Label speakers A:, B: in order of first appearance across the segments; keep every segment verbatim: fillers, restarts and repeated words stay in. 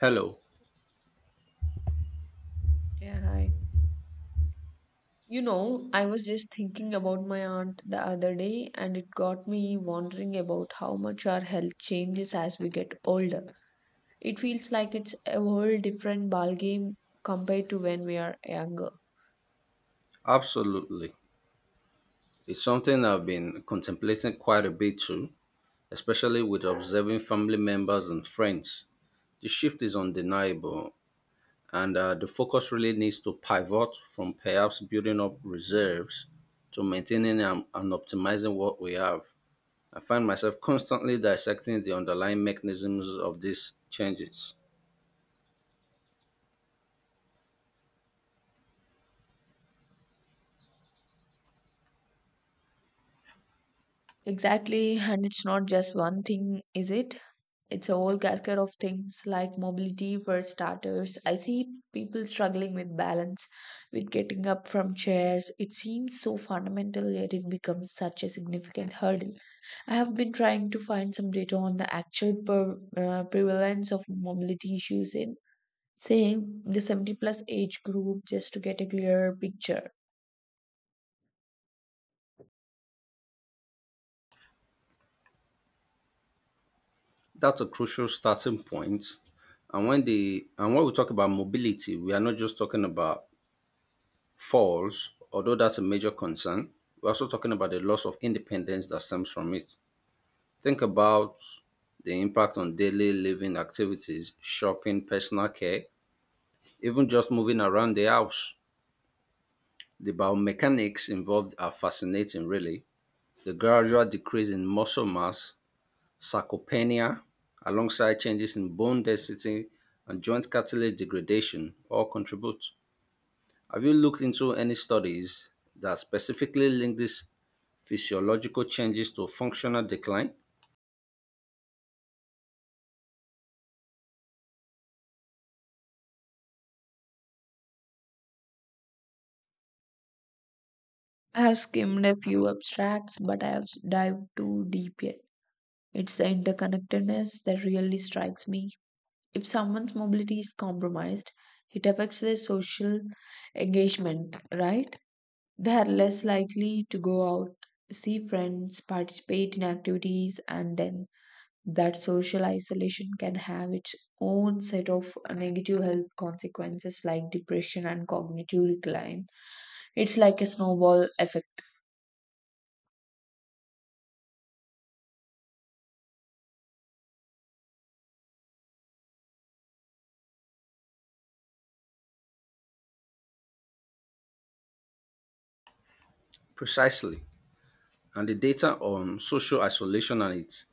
A: Hello.
B: Yeah, hi. You know, I was just thinking about my aunt the other day, and it got me wondering about how much our health changes as we get older. It feels like it's a whole different ballgame compared to when we are younger.
A: Absolutely. It's something I've been contemplating quite a bit too, especially with observing family members and friends. The shift is undeniable, and uh, the focus really needs to pivot from perhaps building up reserves to maintaining and, and optimizing what we have. I find myself constantly dissecting the underlying mechanisms of these changes.
B: Exactly, and it's not just one thing, is it? It's a whole cascade of things like mobility for starters. I see people struggling with balance, with getting up from chairs. It seems so fundamental, yet it becomes such a significant hurdle. I have been trying to find some data on the actual per, uh, prevalence of mobility issues in, say, the seventy plus age group, just to get a clearer picture.
A: That's a crucial starting point. And when the and when we talk about mobility, we are not just talking about falls, although that's a major concern, we're also talking about the loss of independence that stems from it. Think about the impact on daily living activities, shopping, personal care, even just moving around the house. The biomechanics involved are fascinating, really. The gradual decrease in muscle mass, sarcopenia, alongside changes in bone density and joint cartilage degradation all contribute. Have you looked into any studies that specifically link these physiological changes to functional decline?
B: I have skimmed a few abstracts, but I have dived too deep yet. It's the interconnectedness that really strikes me. If someone's mobility is compromised, it affects their social engagement, right? They are less likely to go out, see friends, participate in activities, and then that social isolation can have its own set of negative health consequences like depression and cognitive decline. It's like a snowball effect.
A: Precisely. And the data on social isolation and its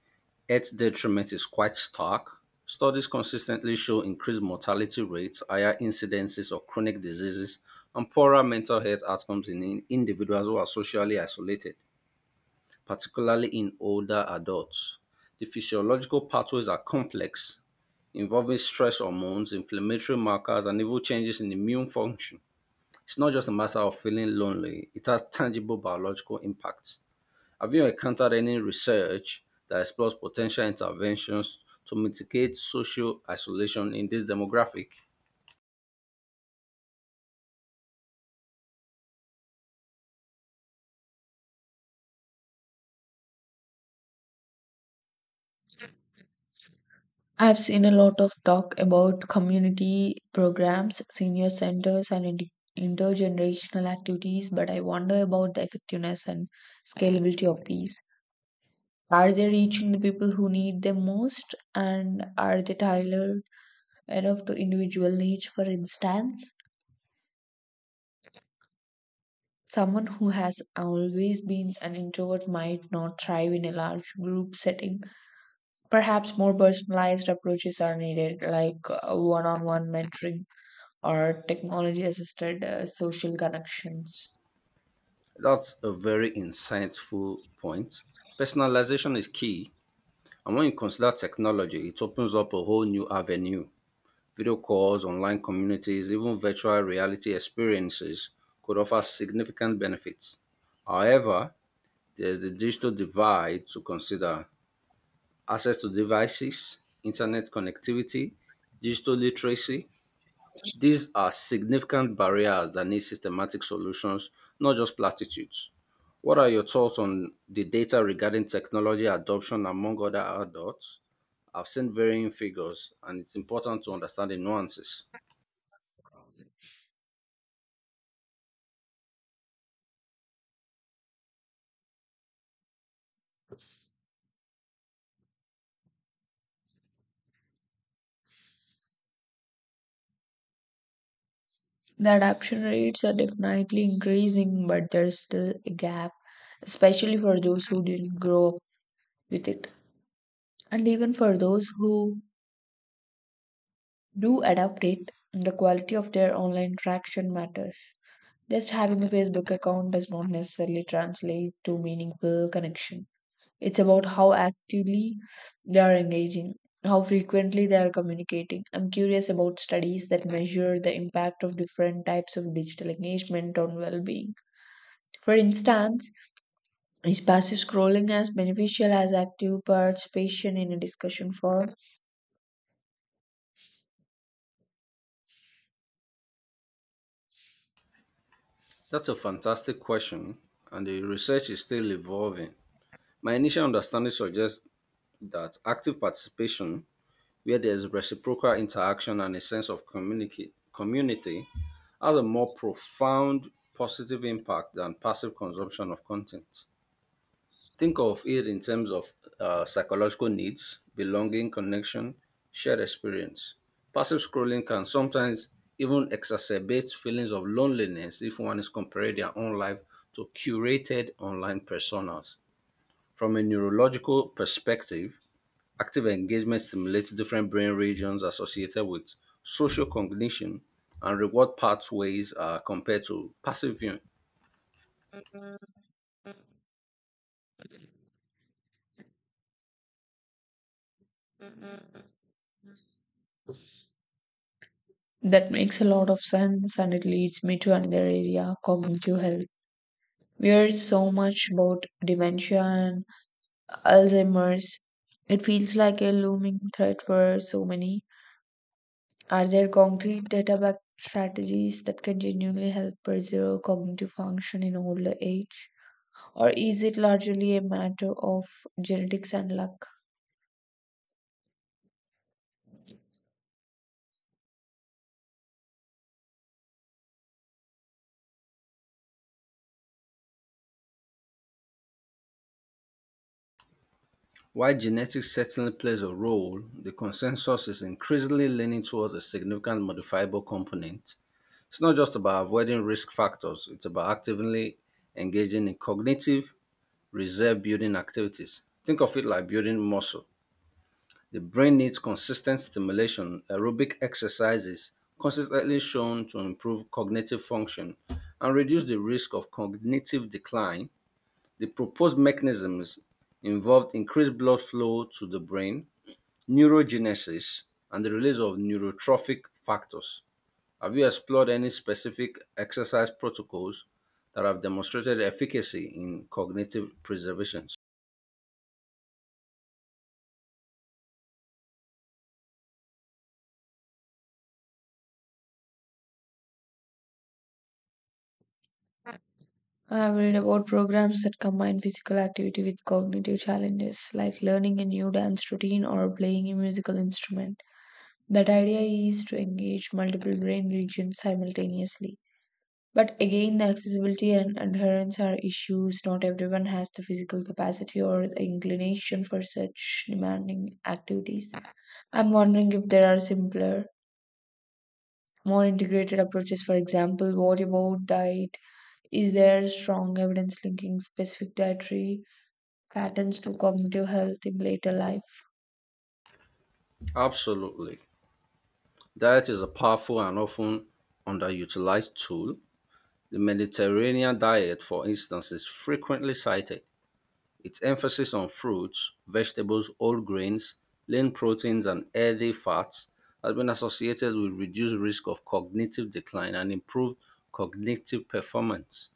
A: health detriment is quite stark. Studies consistently show increased mortality rates, higher incidences of chronic diseases, and poorer mental health outcomes in in- individuals who are socially isolated, particularly in older adults. The physiological pathways are complex involving stress hormones, inflammatory markers, and even changes in immune function. It's not just a matter of feeling lonely, it has tangible biological impacts. Have you encountered any research that explores potential interventions to mitigate social isolation in this demographic?
B: I've seen a lot of talk about community programs, senior centers, and inter- intergenerational activities, but I wonder about the effectiveness and scalability of these. Are they reaching the people who need them most? And are they tailored enough to individual needs? For instance, someone who has always been an introvert might not thrive in a large group setting. Perhaps more personalized approaches are needed, like one on one mentoring or technology assisted uh, social connections.
A: That's a very insightful point. Personalization is key, and when you consider technology, it opens up a whole new avenue. Video calls, online communities, even virtual reality experiences could offer significant benefits. However, there's the digital divide to consider access to devices, internet connectivity, digital literacy. These are significant barriers that need systematic solutions, not just platitudes. What are your thoughts on the data regarding technology adoption among other adults? I've seen varying figures, and it's important to understand the nuances.
B: The adoption rates are definitely increasing, but there's still a gap, especially for those who didn't grow up with it. And even for those who do adopt it, the quality of their online interaction matters. Just having a Facebook account does not necessarily translate to meaningful connection. It's about how actively they are engaging, how frequently they are communicating. I'm curious about studies that measure the impact of different types of digital engagement on well being. For instance, is passive scrolling as beneficial as active participation in a discussion forum?
A: That's a fantastic question, and the research is still evolving. My initial understanding suggests that active participation, where there's reciprocal interaction and a sense of communica- community, has a more profound positive impact than passive consumption of content. Think of it in terms of uh, psychological needs, belonging, connection, shared experience. Passive scrolling can sometimes even exacerbate feelings of loneliness if one is comparing their own life to curated online personas. From a neurological perspective, active engagement stimulates different brain regions associated with social cognition and reward pathways uh, compared to passive viewing.
B: That makes a lot of sense, and it leads me to another area: cognitive health. We hear so much about dementia and Alzheimer's. It feels like a looming threat for so many. Are there concrete data backed strategies that can genuinely help preserve cognitive function in older age? Or is it largely a matter of genetics and luck?
A: While genetics certainly plays a role, the consensus is increasingly leaning towards a significant modifiable component. It's not just about avoiding risk factors, it's about actively engaging in cognitive reserve building activities. Think of it like building muscle. The brain needs consistent stimulation. Aerobic exercises consistently shown to improve cognitive function and reduce the risk of cognitive decline. The proposed mechanisms involved increased blood flow to the brain, neurogenesis and the release of neurotrophic factors. Have you explored any specific exercise protocols that have demonstrated efficacy in cognitive preservation?
B: I have read about programs that combine physical activity with cognitive challenges, like learning a new dance routine or playing a musical instrument. That idea is to engage multiple brain regions simultaneously. But again, the accessibility and adherence are issues. Not everyone has the physical capacity or the inclination for such demanding activities. I'm wondering if there are simpler, more integrated approaches. For example, what about diet? Is there strong evidence linking specific dietary patterns to cognitive health in later life?
A: Absolutely. Diet is a powerful and often underutilized tool. The Mediterranean diet, for instance, is frequently cited. Its emphasis on fruits, vegetables, whole grains, lean proteins, and healthy fats has been associated with reduced risk of cognitive decline and improved cognitive performance.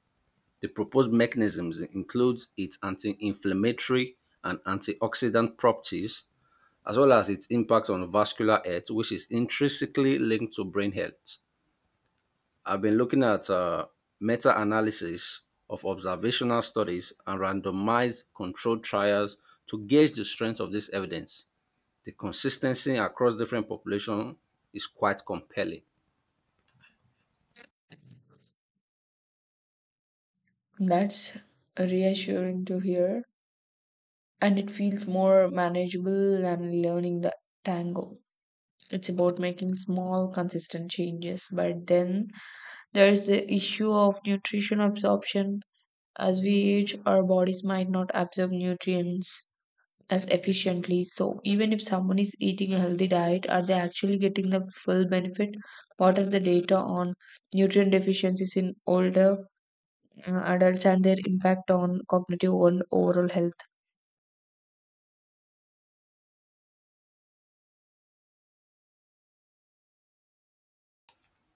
A: The proposed mechanisms include its anti inflammatory and antioxidant properties, as well as its impact on vascular health, which is intrinsically linked to brain health. I've been looking at uh, meta analysis of observational studies and randomized controlled trials to gauge the strength of this evidence. The consistency across different populations is quite compelling.
B: That's reassuring to hear, and it feels more manageable than learning the tango. It's about making small, consistent changes. But then there's the issue of nutrition absorption. As we age, our bodies might not absorb nutrients as efficiently. So, even if someone is eating a healthy diet, are they actually getting the full benefit? What are the data on nutrient deficiencies in older uh, adults and their impact on cognitive and overall health?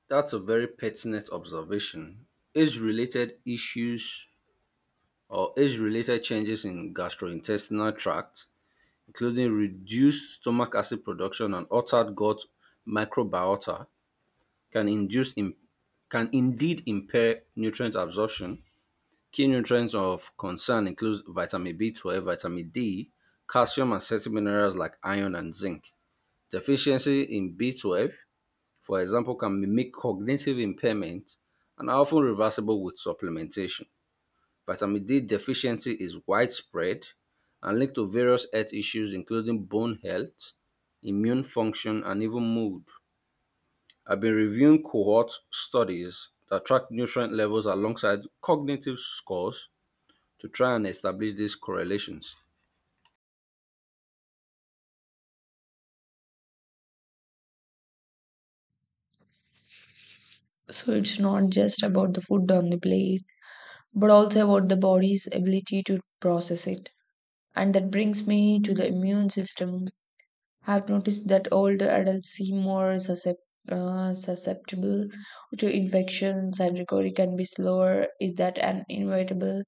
A: That's a very pertinent observation. Age related issues or age related changes in gastrointestinal tract, including reduced stomach acid production and altered gut microbiota, can induce im- can indeed impair nutrient absorption. Key nutrients of concern include vitamin B twelve, vitamin D, calcium and certain minerals like iron and zinc. Deficiency in B twelve, for example, can mimic cognitive impairment and are often reversible with supplementation. Vitamin D deficiency is widespread and linked to various health issues including bone health, immune function and even mood. I've been reviewing cohort studies that track nutrient levels alongside cognitive scores to try and establish these correlations.
B: So, it's not just about the food on the plate, but also about the body's ability to process it. And that brings me to the immune system. I've noticed that older adults seem more suscep- uh, susceptible to infections, and recovery can be slower. Is that an inevitable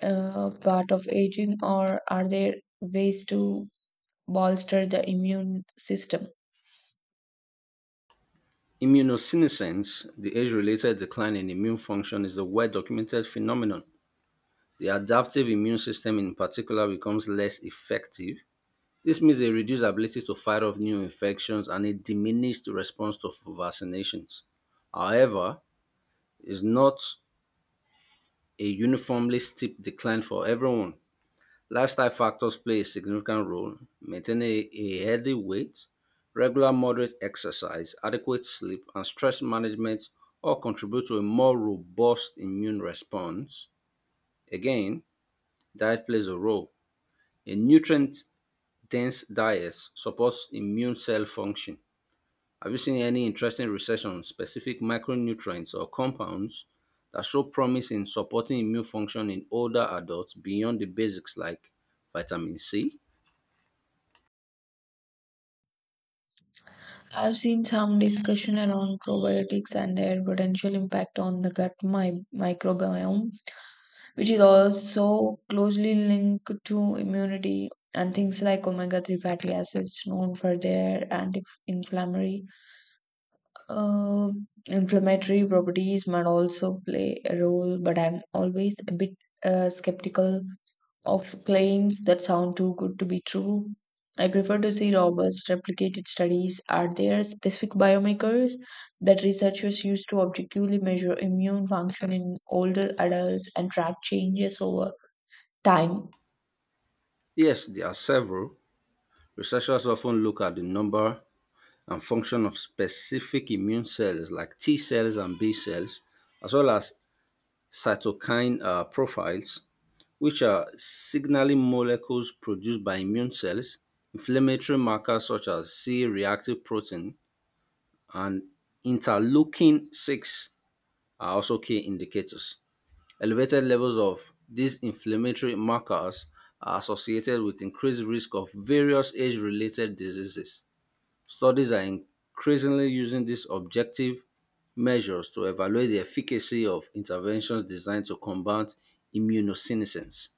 B: uh, part of aging, or are there ways to bolster the immune system?
A: Immunosenescence, the age related decline in immune function, is a well documented phenomenon. The adaptive immune system, in particular, becomes less effective. This means a reduced ability to fight off new infections and a diminished response to vaccinations. However, it's not a uniformly steep decline for everyone. Lifestyle factors play a significant role. Maintaining a, a healthy weight, regular moderate exercise, adequate sleep, and stress management all contribute to a more robust immune response. Again, diet plays a role. A nutrient dense diet supports immune cell function. Have you seen any interesting research on specific micronutrients or compounds that show promise in supporting immune function in older adults beyond the basics like vitamin C?
B: I've seen some discussion around probiotics and their potential impact on the gut mi- microbiome, which is also closely linked to immunity, and things like omega three fatty acids, known for their anti-inflammatory uh, inflammatory properties, might also play a role. But I'm always a bit uh, skeptical of claims that sound too good to be true. I prefer to see robust, replicated studies. Are there specific biomarkers that researchers use to objectively measure immune function in older adults and track changes over time?
A: Yes, there are several. Researchers often look at the number and function of specific immune cells like T cells and B cells, as well as cytokine uh, profiles, which are signaling molecules produced by immune cells, inflammatory markers such as C reactive protein, and interleukin six are also key indicators. Elevated levels of these inflammatory markers are associated with increased risk of various age-related diseases. Studies are increasingly using these objective measures to evaluate the efficacy of interventions designed to combat immunosenescence.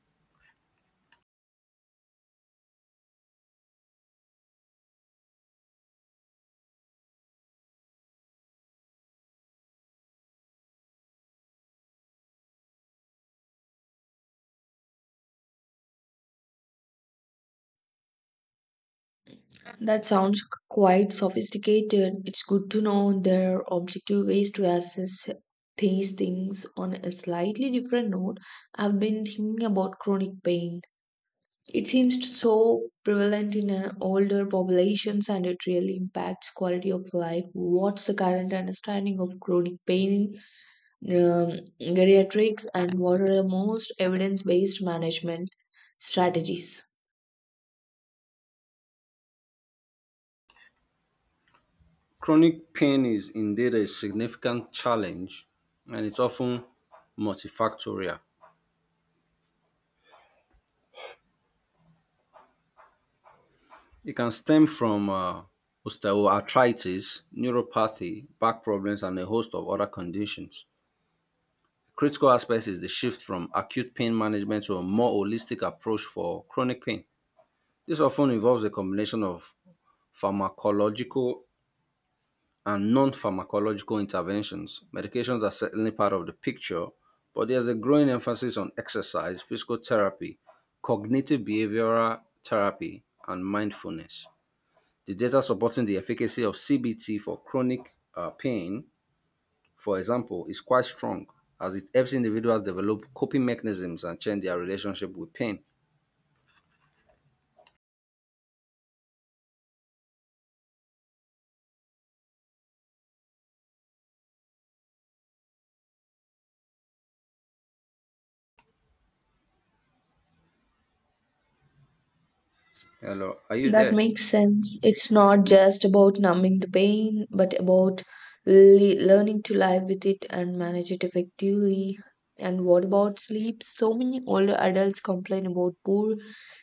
B: That sounds quite sophisticated. It's good to know there are objective ways to assess these things. On a slightly different note, I've been thinking about chronic pain. It seems so prevalent in uh, older populations, and it really impacts quality of life. What's the current understanding of chronic pain in um, geriatrics, and what are the most evidence-based management strategies?
A: Chronic pain is indeed a significant challenge and it's often multifactorial. It can stem from uh, osteoarthritis, neuropathy, back problems, and a host of other conditions. Critical aspect is the shift from acute pain management to a more holistic approach for chronic pain. This often involves a combination of pharmacological and non pharmacological interventions. Medications are certainly part of the picture, but there's a growing emphasis on exercise, physical therapy, cognitive behavioral therapy, and mindfulness. The data supporting the efficacy of C B T for chronic uh, pain, for example, is quite strong as it helps individuals develop coping mechanisms and change their relationship with pain. Hello, are you
B: That
A: there?
B: makes sense. It's not just about numbing the pain, but about le- learning to live with it and manage it effectively. And what about sleep? So many older adults complain about poor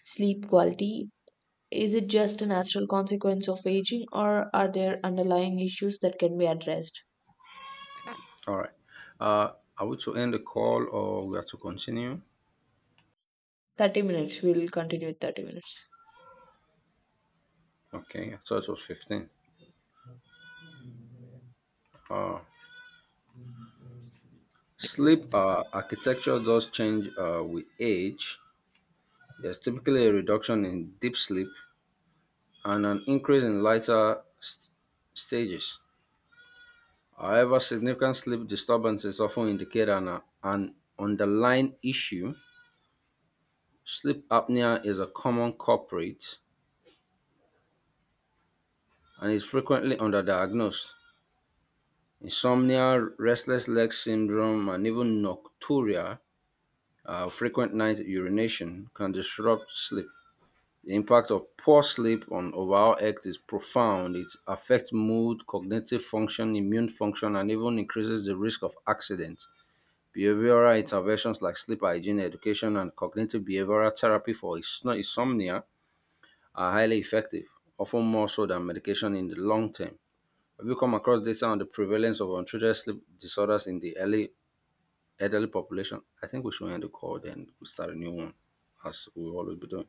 B: sleep quality. Is it just a natural consequence of aging, or are there underlying issues that can be addressed?
A: All right. Uh, are we to end the call or we are to continue?
B: thirty minutes. We'll continue with thirty minutes.
A: Okay, I thought it was fifteen. Uh, Sleep uh, architecture does change uh, with age. There's typically a reduction in deep sleep and an increase in lighter st- stages. However, significant sleep disturbances often indicate an, an underlying issue. Sleep apnea is a common culprit and is frequently underdiagnosed. Insomnia, restless leg syndrome, and even nocturia, uh, frequent night urination, can disrupt sleep. The impact of poor sleep on overall health is profound. It affects mood, cognitive function, immune function, and even increases the risk of accidents. Behavioral interventions like sleep hygiene education and cognitive behavioral therapy for insno- insomnia are highly effective, often more so than medication in the long term. Have you come across data on the prevalence of untreated sleep disorders in the early elderly population? I think we should end the call then we start a new one, as we always be doing.